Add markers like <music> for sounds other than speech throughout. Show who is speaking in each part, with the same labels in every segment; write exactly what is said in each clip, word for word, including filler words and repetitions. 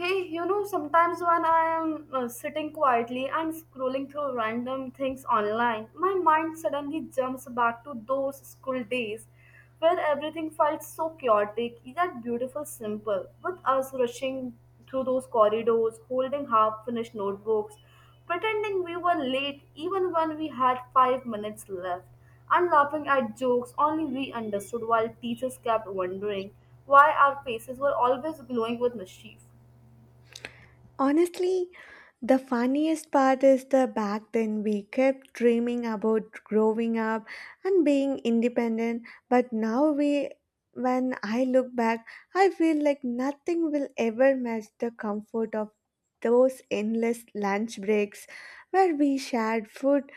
Speaker 1: Hey, you know, sometimes when I am uh, sitting quietly and scrolling through random things online, my mind suddenly jumps back to those school days where everything felt so chaotic yet beautiful simple, with us rushing through those corridors, holding half finished notebooks, pretending we were late even when we had five minutes left, and laughing at jokes only we understood while teachers kept wondering why our faces were always glowing with mischief.
Speaker 2: Honestly, the funniest part is the back then we kept dreaming about growing up and being independent, but now we when I look back, I feel like nothing will ever match the comfort of those endless lunch breaks where we shared food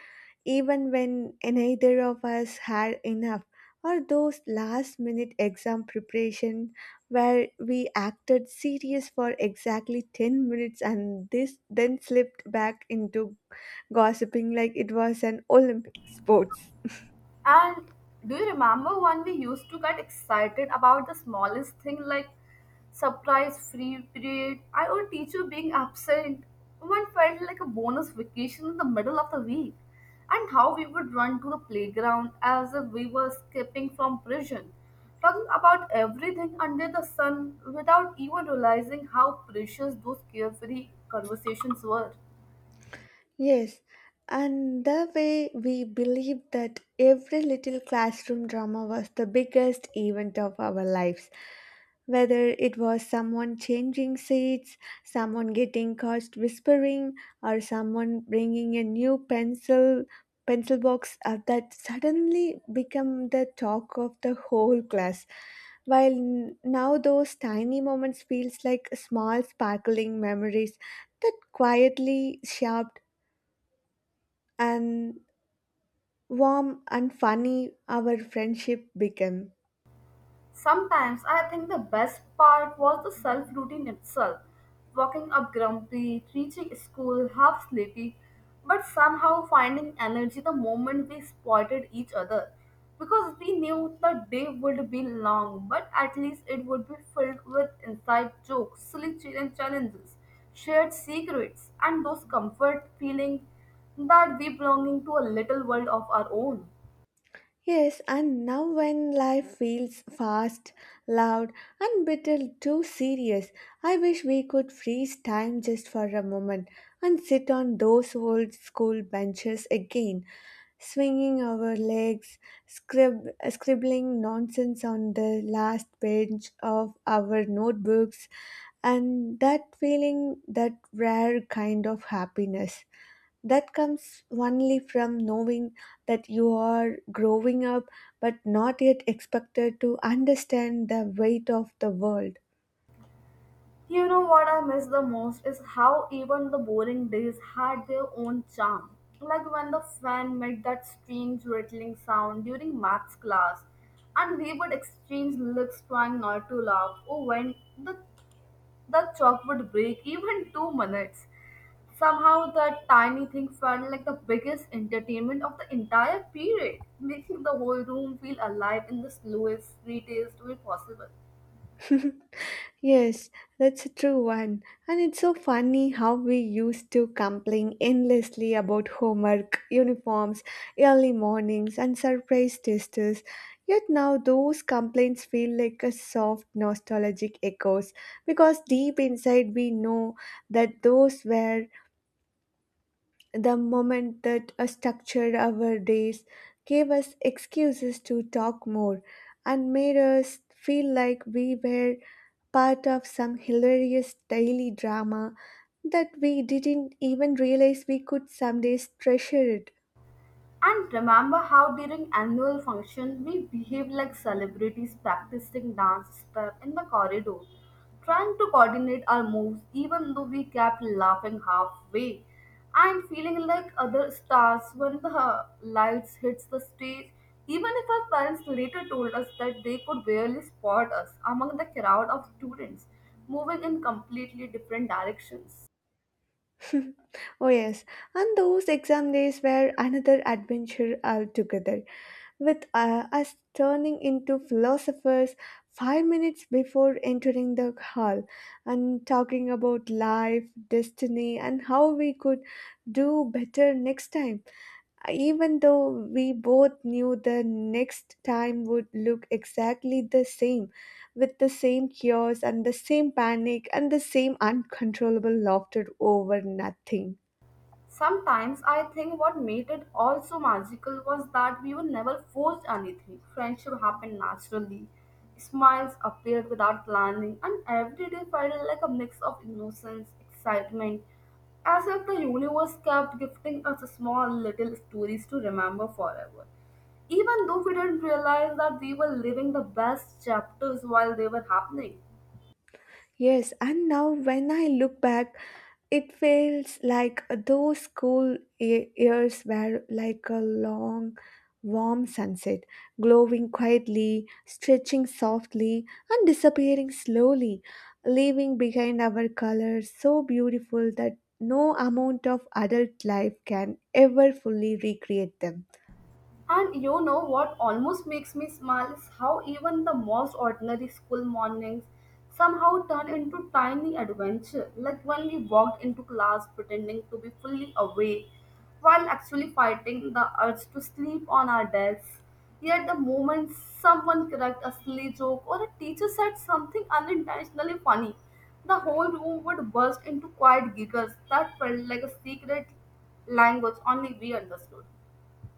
Speaker 2: even when neither of us had enough, or those last minute exam preparation where we acted serious for exactly ten minutes and this then slipped back into gossiping like it was an Olympic sports.
Speaker 1: And do you remember when we used to get excited about the smallest thing like surprise free period? I our teacher being absent. One felt like a bonus vacation in the middle of the week. And how we would run to the playground as if we were escaping from prison, talking about everything under the sun without even realizing how precious those carefree conversations were.
Speaker 2: Yes, and the way we believed that every little classroom drama was the biggest event of our lives. Whether it was someone changing seats, someone getting caught whispering, or someone bringing a new pencil pencil box uh, that suddenly became the talk of the whole class while n- now those tiny moments feels like small sparkling memories that quietly shaped and warm and funny our friendship became.
Speaker 1: Sometimes I think the best part was the self routine itself. Walking up grumpy, reaching school half sleepy, but somehow finding energy the moment we spotted each other. Because we knew the day would be long, but at least it would be filled with inside jokes, silly ch- challenges, shared secrets, and those comfort feeling that we belonging to a little world of our own.
Speaker 2: Yes, and now when life feels fast, loud, and little too serious, I wish we could freeze time just for a moment and sit on those old school benches again, swinging our legs, scrib- scribbling nonsense on the last page of our notebooks, and that feeling that rare kind of happiness that comes only from knowing that you are growing up but not yet expected to understand the weight of the world.
Speaker 1: You know what I miss the most is how even the boring days had their own charm. Like when the fan made that strange rattling sound during maths class, and we would exchange looks trying not to laugh, or when the, the chalk would break <laughs> even two minutes. Somehow, that tiny thing felt like the biggest entertainment of the entire period, making the whole room feel alive in the slowest, sweetest way possible.
Speaker 2: Yes, that's a true one. And it's so funny how we used to complain endlessly about homework, uniforms, early mornings, and surprise testers. Yet now those complaints feel like a soft nostalgic echoes because deep inside we know that those were the moment that uh, structured our days, gave us excuses to talk more, and made us feel like we were part of some hilarious daily drama that we didn't even realize we could someday treasure it.
Speaker 1: And remember how during annual functions we behave like celebrities practicing dance step in the corridor, trying to coordinate our moves even though we kept laughing halfway and feeling like other stars when the lights hits the stage. Even if our parents later told us that they could barely spot us among the crowd of students moving in completely different directions.
Speaker 2: <laughs> Oh, yes. And those exam days were another adventure altogether, with uh, us turning into philosophers five minutes before entering the hall and talking about life, destiny, and how we could do better next time. Even though we both knew the next time would look exactly the same, with the same chaos and the same panic and the same uncontrollable laughter over nothing.
Speaker 1: Sometimes I think what made it all so magical was that we were never forced anything. Friendship happened naturally, smiles appeared without planning, and every day felt like a mix of innocence, excitement, as if the universe kept gifting us small little stories to remember forever. Even though we didn't realize that we were living the best chapters while they were happening.
Speaker 2: Yes, and now when I look back, it feels like those school ye- years were like a long, warm sunset, glowing quietly, stretching softly, and disappearing slowly, leaving behind our colors so beautiful that no amount of adult life can ever fully recreate them.
Speaker 1: And you know what almost makes me smile is how even the most ordinary school mornings somehow turn into tiny adventure. Like when we walked into class pretending to be fully awake while actually fighting the urge to sleep on our desks. Yet the moment someone cracked a silly joke or a teacher said something unintentionally funny, the whole room would burst into quiet giggles that felt like a secret language only we understood.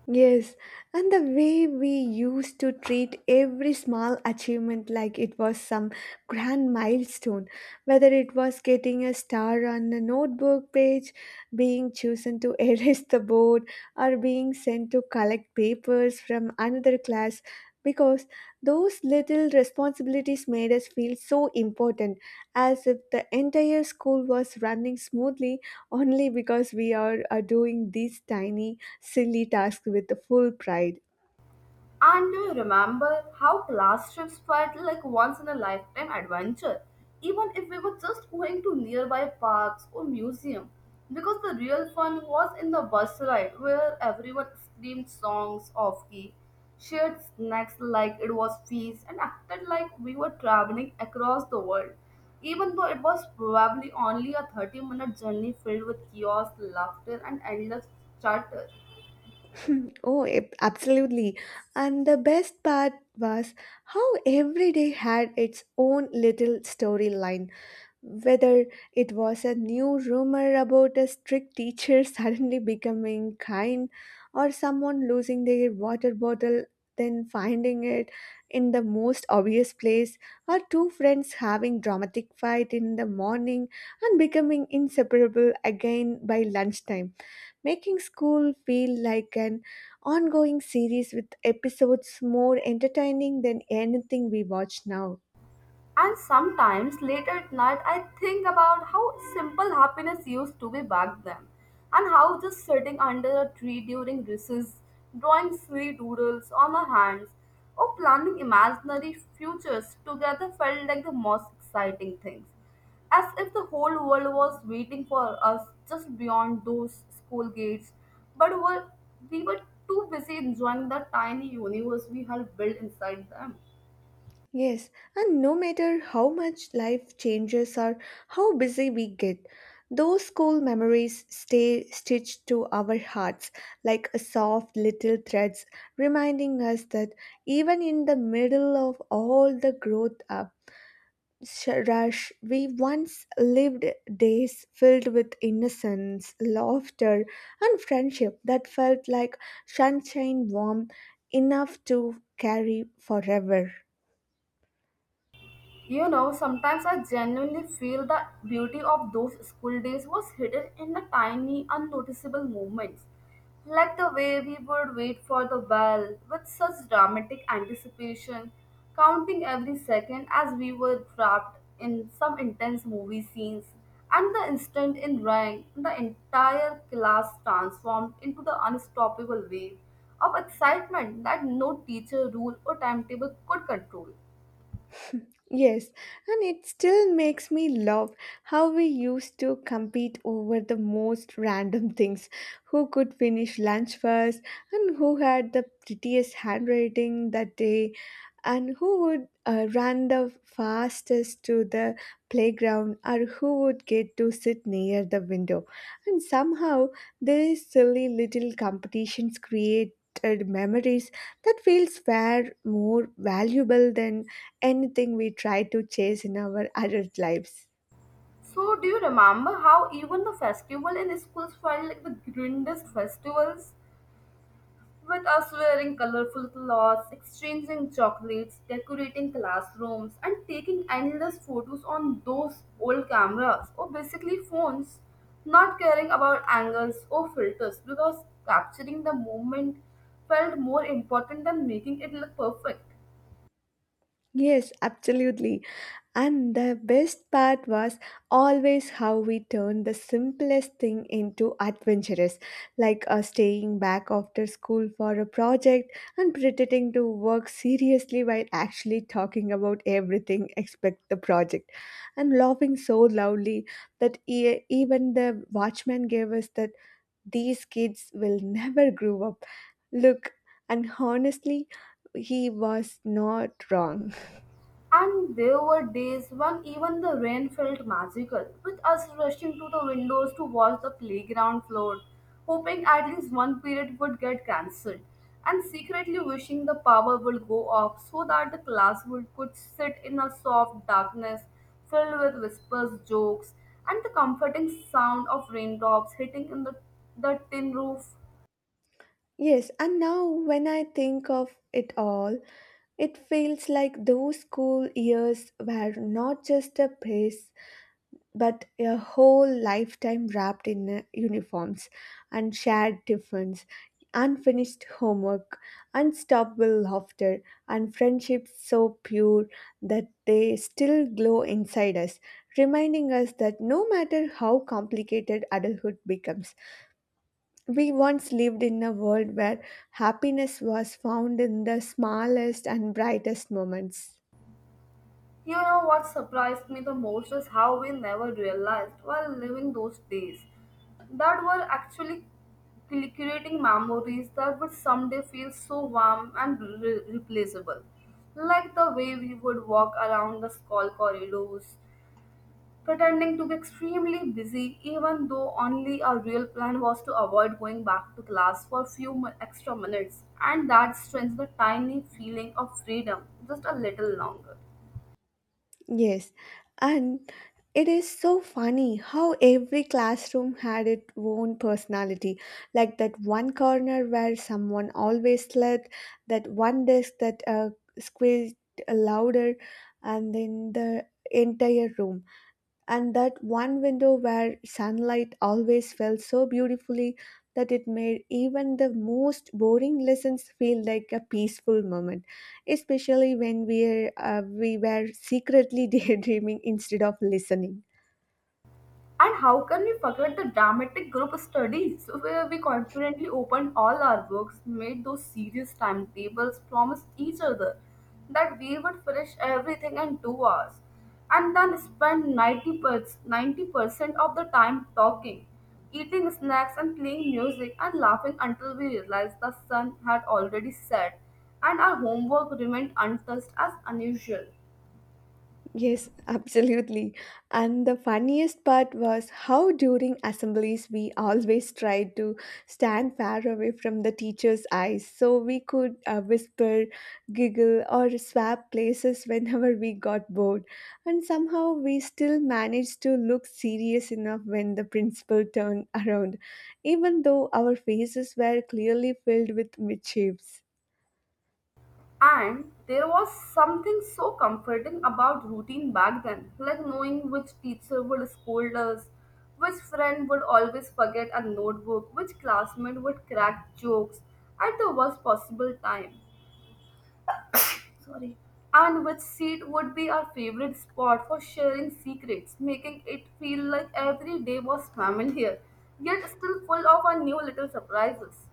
Speaker 2: Yes, and the way we used to treat every small achievement like it was some grand milestone, whether it was getting a star on a notebook page, being chosen to <laughs> erase the board, or being sent to collect papers from another class, because those little responsibilities made us feel so important, as if the entire school was running smoothly only because we are, are doing these tiny silly tasks with the full pride.
Speaker 1: And do you remember how class trips felt like once in a lifetime adventure? Even if we were just going to nearby parks or museum, because the real fun was in the bus ride where everyone screamed songs off key, shared snacks like it was feast, and acted like we were traveling across the world. Even though it was probably only a thirty minute journey filled with chaos, laughter, and endless chatter.
Speaker 2: <clears throat> Oh, ab- absolutely. And the best part was how every day had its own little storyline. Whether it was a new rumor about a strict teacher <laughs> suddenly becoming kind, or someone losing their water bottle then finding it in the most obvious place, or two friends having dramatic fight in the morning and becoming inseparable again by lunchtime making school feel like an ongoing series with episodes more entertaining than anything we watch now.
Speaker 1: And sometimes late at night, I think about how simple happiness used to be back then, and how just sitting under a tree during recess, drawing sweet doodles on our hands, or planning imaginary futures together felt like the most exciting things, as if the whole world was waiting for us just beyond those school gates. But were, we were too busy enjoying the tiny universe we had built inside them.
Speaker 2: Yes, and no matter how much life changes or how busy we get, those school memories stay stitched to our hearts like a soft little threads, reminding us that even in the middle of all the growth up, sh- rush, we once lived days filled with innocence, laughter, and friendship that felt like sunshine warm enough to carry forever.
Speaker 1: You know, sometimes I genuinely feel the beauty of those school days was hidden in the tiny, unnoticeable moments, like the way we would wait for the bell with such dramatic anticipation, counting every second as we were trapped in some intense movie scenes. And the instant it rang, the entire class transformed into the unstoppable wave of excitement that no teacher, rule, or timetable could control.
Speaker 2: Yes, and it still makes me love how we used to compete over the most random things who could finish lunch first and who had the prettiest handwriting that day and who would uh, run the fastest to the playground or who would get to sit near the window. And somehow, these silly little competitions created memories that feels far more valuable than anything we try to chase in our adult lives.
Speaker 1: So, do you remember how even the festival in schools felt like the grandest festivals? With us wearing colorful clothes, exchanging chocolates, decorating classrooms, and taking endless photos on those old cameras or basically phones, not caring about angles or filters because capturing the moment felt more important than making it look perfect.
Speaker 2: Yes, absolutely. And the best part was always how we turned the simplest thing into adventurous, like uh, staying back after school for a project and pretending to work seriously while actually talking about everything except the project, and laughing so loudly that e- even the watchman gave us that these kids will never grow up. Look, and honestly, he was not wrong.
Speaker 1: And there were days when even the rain felt magical, with us rushing to the windows to watch the playground floor, hoping at least one period would get cancelled, and secretly wishing the power would go off so that the class would could sit in a soft darkness filled with whispers, jokes, and the comforting sound of raindrops hitting in the, the tin roof.
Speaker 2: Yes, and now when I think of it all, it feels like those school years were not just a phase, but a whole lifetime wrapped in uh, uniforms and shared tiffins, unfinished homework, unstoppable laughter, and friendships so pure that they still glow inside us, reminding us that no matter how complicated adulthood becomes, we once lived in a world where happiness was found in the smallest and brightest moments.
Speaker 1: You know what surprised me the most is how we never realized while living those days that we're actually cre- creating memories that would someday feel so warm and re- replaceable. Like the way we would walk around the school corridors, pretending to be extremely busy, even though only our real plan was to avoid going back to class for a few mi- extra minutes, and that strengthens the tiny feeling of freedom just a little longer.
Speaker 2: Yes, and it is so funny how every classroom had its own personality, like that one corner where someone always slept, that one desk that uh, squeezed louder, and then the entire room, and that one window where sunlight always fell so beautifully that it made even the most boring lessons feel like a peaceful moment, especially when we, uh, we were secretly <laughs> daydreaming instead of listening.
Speaker 1: And how can we forget the dramatic group studies where we confidently opened all our books, made those serious timetables, promised each other that we would finish everything in two hours, and then spend ninety percent of the time talking, eating snacks, and playing music and laughing until we realized the sun had already set and our homework remained untouched as unusual.
Speaker 2: Yes, <laughs> absolutely. And the funniest part was how during assemblies we always tried to stand far away from the teacher's eyes so we could uh, whisper, giggle, or swap places <laughs> whenever we got bored. And somehow we still managed to look serious enough when the principal turned <laughs> around, even though our faces were clearly filled with mischiefs.
Speaker 1: And there was something so comforting about routine back then, like knowing which teacher would scold us, which friend would always forget a notebook, which classmate would crack jokes at the worst possible time. Sorry. And which seat would be our favorite spot for sharing secrets, making it feel like every day was familiar, yet still full of our new little surprises.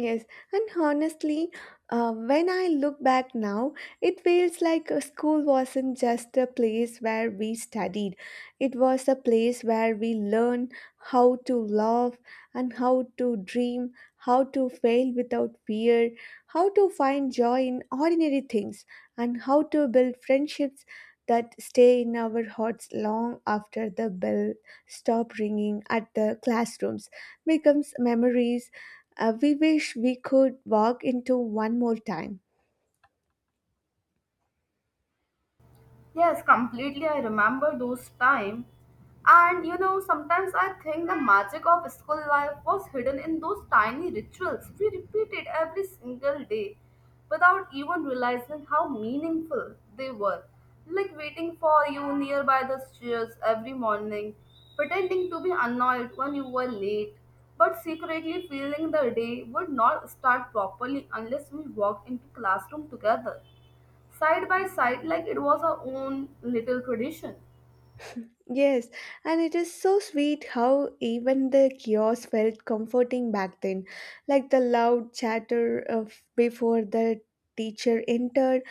Speaker 2: Yes, and honestly, uh, when I look back now, it feels like uh, school wasn't just a place where we studied. It was a place where we learned how to love and how to dream, how to fail without fear, how to find joy in ordinary things, and how to build friendships that stay in our hearts long after the bell stops ringing at the classrooms becomes memories uh, we wish we could walk into one more time.
Speaker 1: Yes, completely. I remember those time. And you know, sometimes I think the magic of school life was hidden in those tiny rituals we repeated every single day without even realizing how meaningful they were. Like waiting for you nearby the stairs every morning, pretending to be annoyed when you were late, but secretly feeling the day would not start properly unless we walked into classroom together side by side like it was our own little tradition.
Speaker 2: Yes, and it is so sweet how even the chaos felt comforting back then, like the loud chatter of before the teacher entered,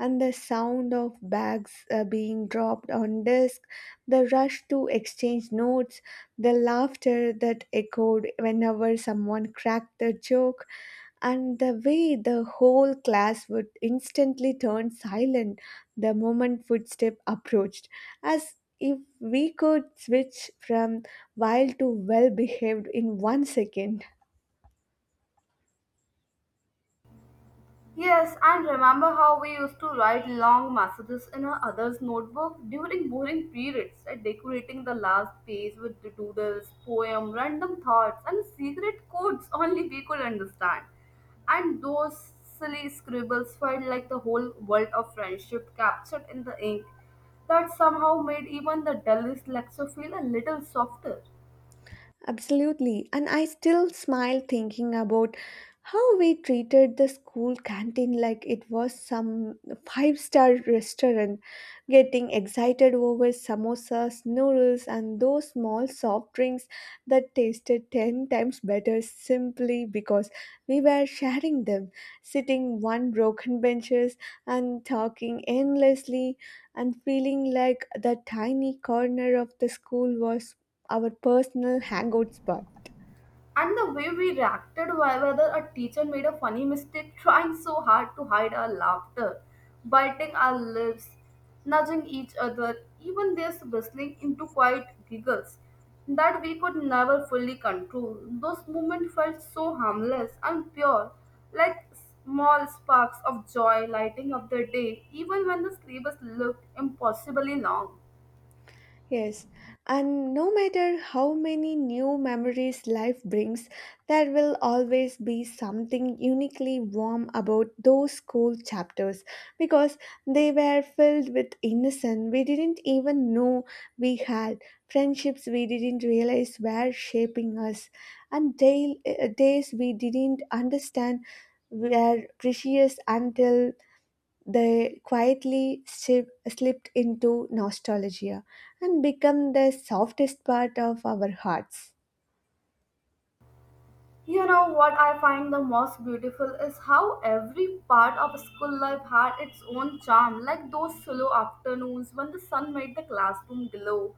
Speaker 2: and the sound of bags uh, being dropped on desk, the rush to exchange notes, the laughter that echoed whenever someone cracked a joke and the way the whole class would instantly turn silent the moment footstep approached as if we could switch from wild to well behaved in one second.
Speaker 1: Yes, and remember how we used to write long messages in our other's notebook during boring periods, right? Decorating the last page with the doodles, poem, random thoughts, and secret codes only we could understand. And those silly scribbles felt like the whole world of friendship captured in the ink that somehow made even the dullest lecture feel a little softer.
Speaker 2: Absolutely. And I still smile thinking about how we treated the school canteen like it was some five star restaurant, getting excited over samosas, noodles, and those small soft drinks that tasted ten times better simply because we were sharing them, sitting on broken benches and talking endlessly, and feeling like the tiny corner of the school was our personal hangout spot.
Speaker 1: And the way we reacted wh- whether a teacher made a funny mistake, trying so hard to hide our laughter, biting our lips, nudging each other, even this bristling into quiet giggles that we could never fully control. Those moments felt so harmless and pure, like small sparks of joy lighting up the day, even when the syllabus looked impossibly long.
Speaker 2: Yes, and no matter how many new memories life brings, there will always be something uniquely warm about those school chapters because they were filled with innocence we didn't even know we had, friendships we didn't realize were shaping us, and day, uh, days we didn't understand were precious until they quietly ship, slipped into nostalgia and become the softest part of our hearts.
Speaker 1: You know what I find the most beautiful is how every part of school life had its own charm, like those slow afternoons when the sun made the classroom glow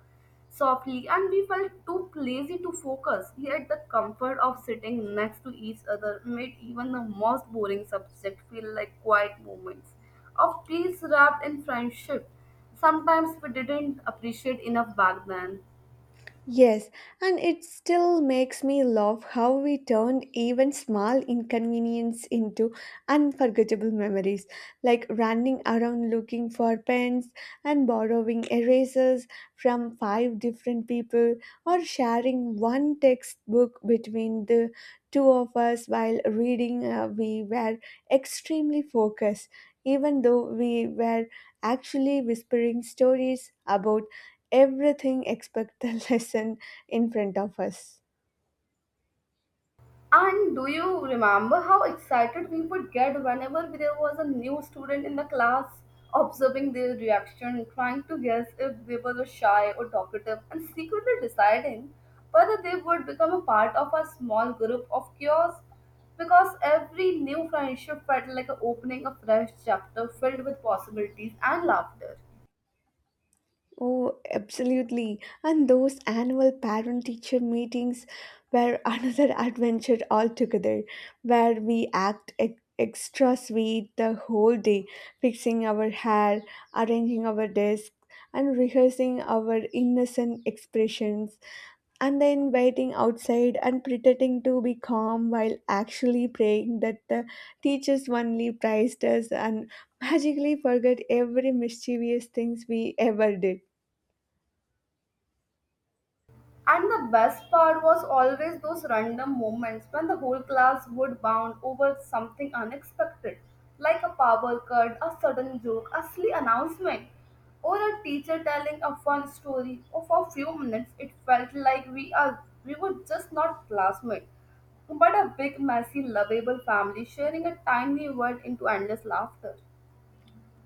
Speaker 1: softly and we felt too lazy to focus. Yet the comfort of sitting next to each other made even the most boring subject feel like quiet moments of peace wrapped in friendship. Sometimes we didn't appreciate enough back then.
Speaker 2: Yes, and it still makes me love how we turn even small inconvenience into unforgettable memories, like running around looking for pens and borrowing erasers from five different people, or sharing one textbook between the two of us while reading. Uh, we were extremely focused, even though we were actually whispering stories about everything except the <laughs> lesson in front of us.
Speaker 1: And do you remember how excited we would get whenever there was a new student in the class, observing their reaction, trying to guess if they were shy or talkative, and secretly deciding whether they would become a part of a small group of cures? Because every new friendship felt like a opening a fresh chapter filled with possibilities and laughter.
Speaker 2: Oh, absolutely. And those annual parent teacher meetings were <laughs> another adventure altogether, where we act ex- extra sweet the whole day, fixing our hair, arranging our desk, and rehearsing our innocent expressions, and then waiting outside and pretending to be calm while actually praying that the teachers only praised us and <laughs> magically forget every mischievous things we ever did.
Speaker 1: And the best part was always those random moments when the whole class would bond over something unexpected, like a power cut, a sudden joke, a silly announcement, or a teacher telling a fun story. Or for a few minutes, it felt like we are we were just not classmates, but a big, messy, lovable family sharing a tiny world into endless laughter.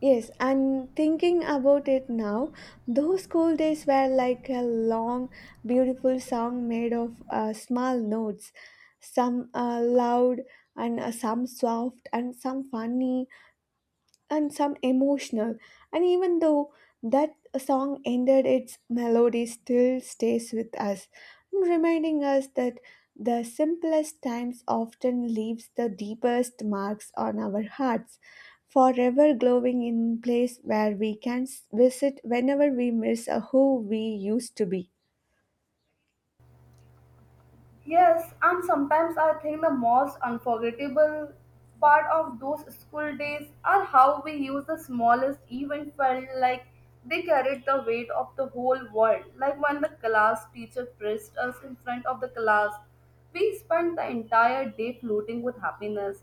Speaker 2: Yes, and thinking about it now, those school days were like a long, beautiful song made of uh, small notes, some uh, loud and uh, some soft and some funny and some emotional. And even though that song ended, its melody still stays with us, reminding us that the simplest times often leaves the deepest marks on our hearts, forever glowing in place where we can s- visit whenever we miss a who we used to be.
Speaker 1: Yes, and sometimes I think the most unforgettable part of those school days are how we use the smallest event felt like they carried the weight of the whole world. Like when the class teacher praised us in front of the class, we spent the entire day floating with happiness.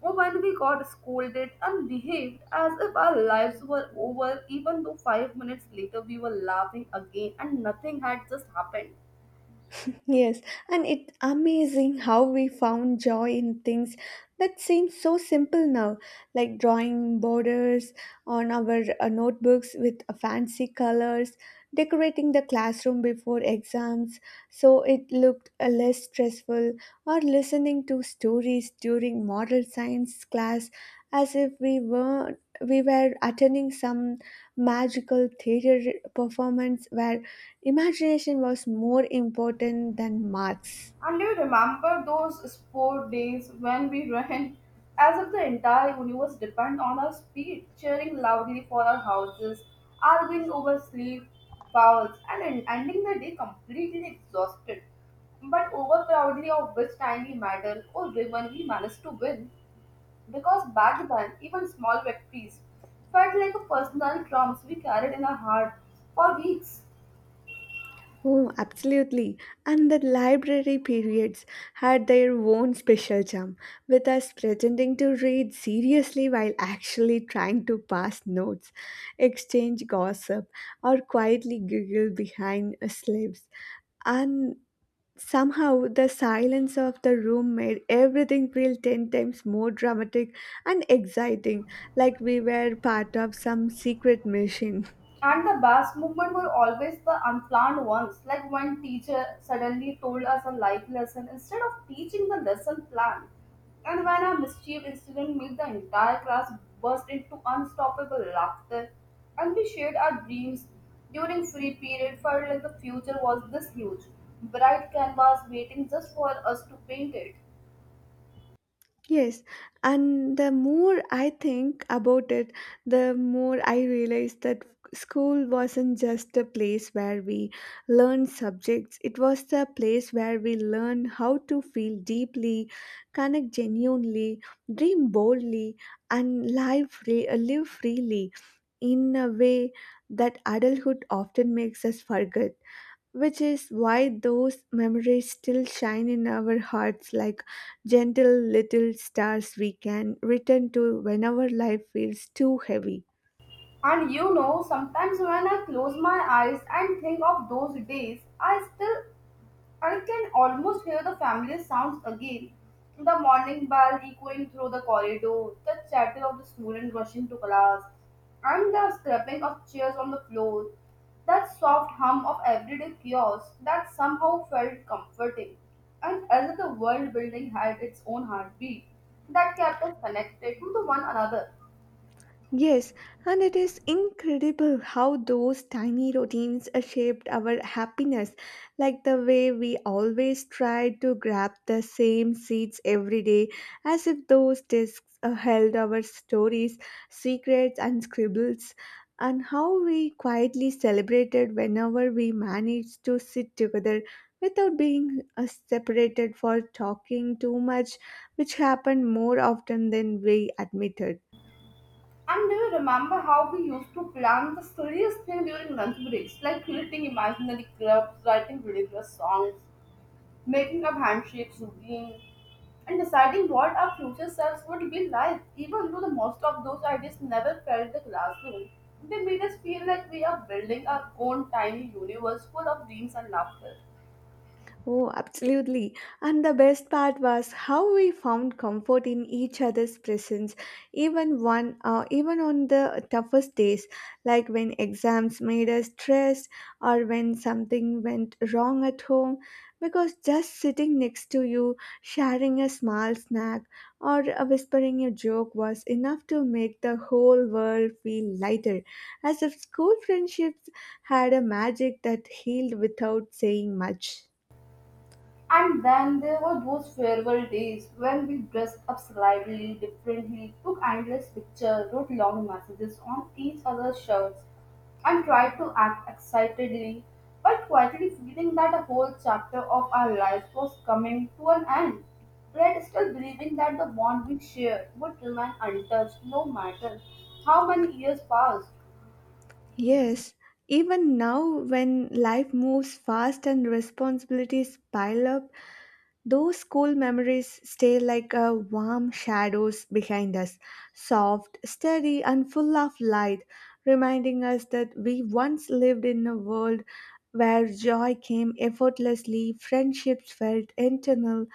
Speaker 1: Or when we got scolded and behaved as if our lives were over, even though five minutes later we were laughing again and nothing had just happened.
Speaker 2: Yes, and it's amazing how we found joy in things that seem so simple now, like drawing borders on our uh, notebooks with uh, fancy colors, decorating the classroom before exams so it looked uh, less stressful, or listening to stories during moral science class as if we were we were attending some magical theater performance where imagination was more important than marks.
Speaker 1: And do you remember those sport days when we ran as if the entire universe depended on our speed, cheering loudly for our houses, arguing over sleep, fouls, and en- ending the day completely exhausted, but overproudly of which tiny medal or ribbon we managed to win? Because back then, even small victories felt like a personal drums we carried in our heart for weeks.
Speaker 2: Oh, absolutely. And the library periods had their own special charm, with us pretending to read seriously while actually trying to pass notes, exchange gossip, or quietly giggle behind slaves. And Somehow, the silence of the room made everything feel ten times more dramatic and exciting, like we were part of some secret mission.
Speaker 1: And the best movement were always the unplanned ones, like when teacher suddenly told us a life lesson instead of teaching the lesson plan. And when a mischief incident made the entire class burst into unstoppable laughter, and we shared our dreams during free period, felt like the future was this huge, bright canvas waiting just for us to paint it.
Speaker 2: Yes, and the more I think about it, the more I realize that school wasn't just a place where we learned subjects, it was the place where we learned how to feel deeply, connect genuinely, dream boldly, and live, free, live freely, in a way that adulthood often makes us forget, which is why those memories still shine in our hearts like gentle little stars we can return to whenever life feels too heavy.
Speaker 1: And you know, sometimes when I close my eyes and think of those days, I still I can almost hear the familiar sounds again. The morning bell echoing through the corridor, the chatter of the student rushing to class, and the scraping of chairs on the floor. That soft hum of everyday chaos that somehow felt comforting, and as if the world building had its own heartbeat that kept us connected to one another.
Speaker 2: Yes, and it is incredible how those tiny routines uh, shaped our happiness, like the way we always tried to grab the same seats every day, as if those discs uh, held our stories, secrets, and scribbles, and how we quietly celebrated whenever we managed to sit together without being uh, separated for talking too much, which happened more often than we admitted.
Speaker 1: And do you remember how we used to plan the silliest thing during lunch breaks, like creating imaginary clubs, writing ridiculous songs, making up handshakes routine, and deciding what our future selves would be like. Even though the most of those ideas never felt the classroom, they made us feel like we are building our own tiny universe full of dreams and laughter.
Speaker 2: Oh, absolutely. And the best part was how we found comfort in each other's presence, even one, uh, even on the toughest days, like when exams made us stressed or when something went wrong at home. Because just sitting next to you, sharing a small snack, or uh, whispering a joke was enough to make the whole world feel lighter, as if school friendships had a magic that healed without saying much.
Speaker 1: And then there were those farewell days when we dressed up slightly differently, took endless pictures, wrote long messages on each other's shirts, and tried to act excitedly, but quietly feeling that a whole chapter of our lives was coming to an end. Yet still believing that the bond we shared would remain untouched no matter how many years passed.
Speaker 2: Yes, even now when life moves fast and responsibilities pile up, those school memories stay like a warm shadows behind us, soft, steady, and full of light, reminding us that we once lived in a world where joy came effortlessly, friendships felt internal,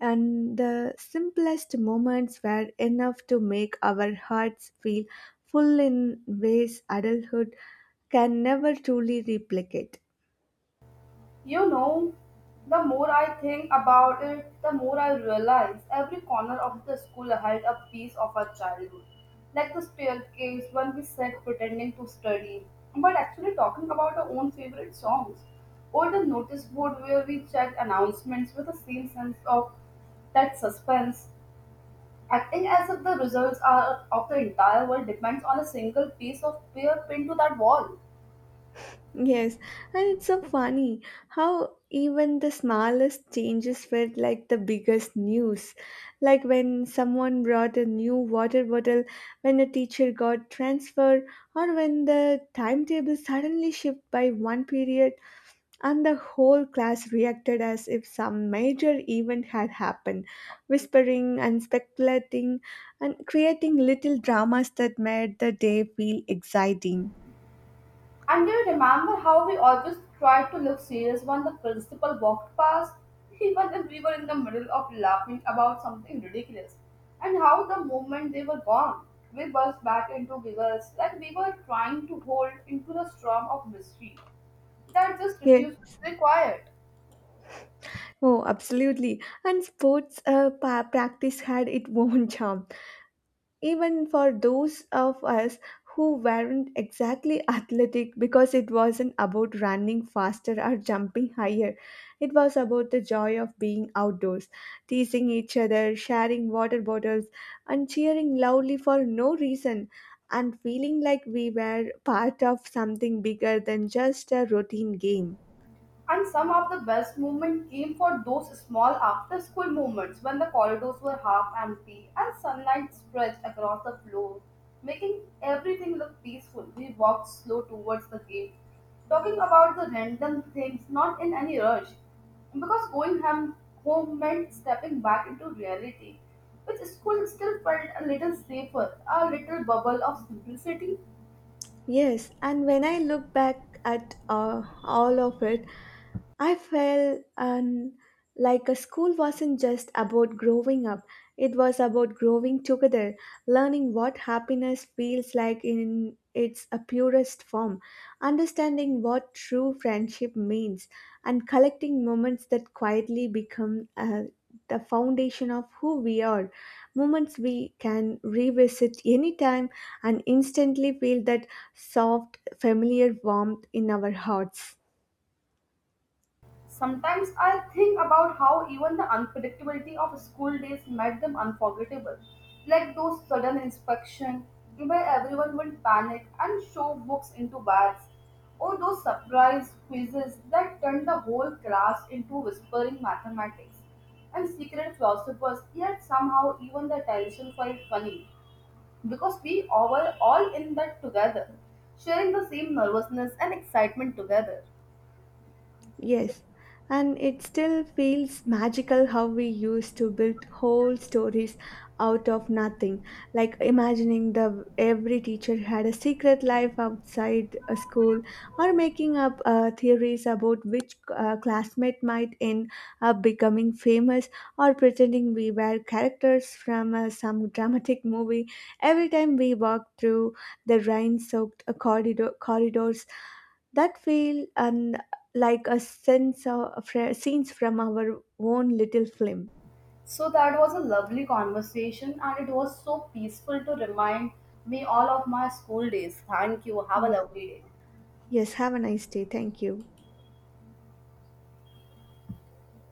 Speaker 2: and the simplest moments were enough to make our hearts feel full in ways adulthood can never truly replicate.
Speaker 1: You know, the more I think about it, the more I realize every corner of the school held a piece of our childhood. Like the staircase when we sat pretending to study, but actually talking about our own favorite songs, or the notice board where we checked announcements with the same sense of that suspense, acting as if the results are of the entire world depends on a single piece of paper pinned to that wall.
Speaker 2: Yes, and it's so funny how even the smallest changes felt like the biggest news. Like when someone brought a new water bottle, when a teacher got transferred, or when the timetable suddenly shifted by one period, and the whole class reacted as if some major event had happened, whispering and speculating and creating little dramas that made the day feel exciting.
Speaker 1: And do you remember how we always tried to look serious when the principal walked past? <laughs> Even if we were in the middle of laughing about something ridiculous. And how the moment they were gone, we burst back into giggles like we were trying to hold into the storm of mystery that just
Speaker 2: Yes.
Speaker 1: refused to be quiet.
Speaker 2: Oh, absolutely. And sports uh, pa- practice had its <laughs> own charm, even for those of us who weren't exactly athletic because it wasn't about running faster or jumping higher. It was about the joy of being outdoors, teasing each other, sharing water bottles, and cheering loudly for no reason, and feeling like we were part of something bigger than just a routine game.
Speaker 1: And some of the best movement came for those small after school moments when the corridors were half empty and sunlight stretched across the floor, making everything look peaceful. We walked slow towards the gate, talking about the random things, not in any rush, because going ham- home meant stepping back into reality, which school still felt a little safer, a little bubble of simplicity.
Speaker 2: Yes, and when I look back at uh, all of it, I felt um, like a school wasn't just about growing up, it was about growing together, learning what happiness feels like in its uh, purest form, understanding what true friendship means, and collecting moments that quietly become uh, the foundation of who we are. Moments we can revisit anytime and instantly feel that soft, familiar warmth in our hearts.
Speaker 1: Sometimes I think about how even the unpredictability of school days made them unforgettable, like those sudden inspection where everyone would panic and shove books into bags, or those surprise quizzes that turned the whole class into whispering mathematics and secret philosophers. Yet somehow even the tension felt funny because we were all in that together, sharing the same nervousness and excitement together.
Speaker 2: Yes, and it still feels magical how we used to build whole stories out of nothing, like imagining the every teacher had a secret life outside a school, or making up uh, theories about which uh, classmate might end up becoming famous, or pretending we were characters from uh, some dramatic movie. Every time we walked through the rain-soaked uh, corridor corridors that feel like a sense of fr- scenes from our own little film.
Speaker 1: So that was a lovely conversation, and it was so peaceful to remind me all of my school days. Thank you. Have a
Speaker 2: Yes.
Speaker 1: lovely day.
Speaker 2: Yes, have a nice day. Thank you.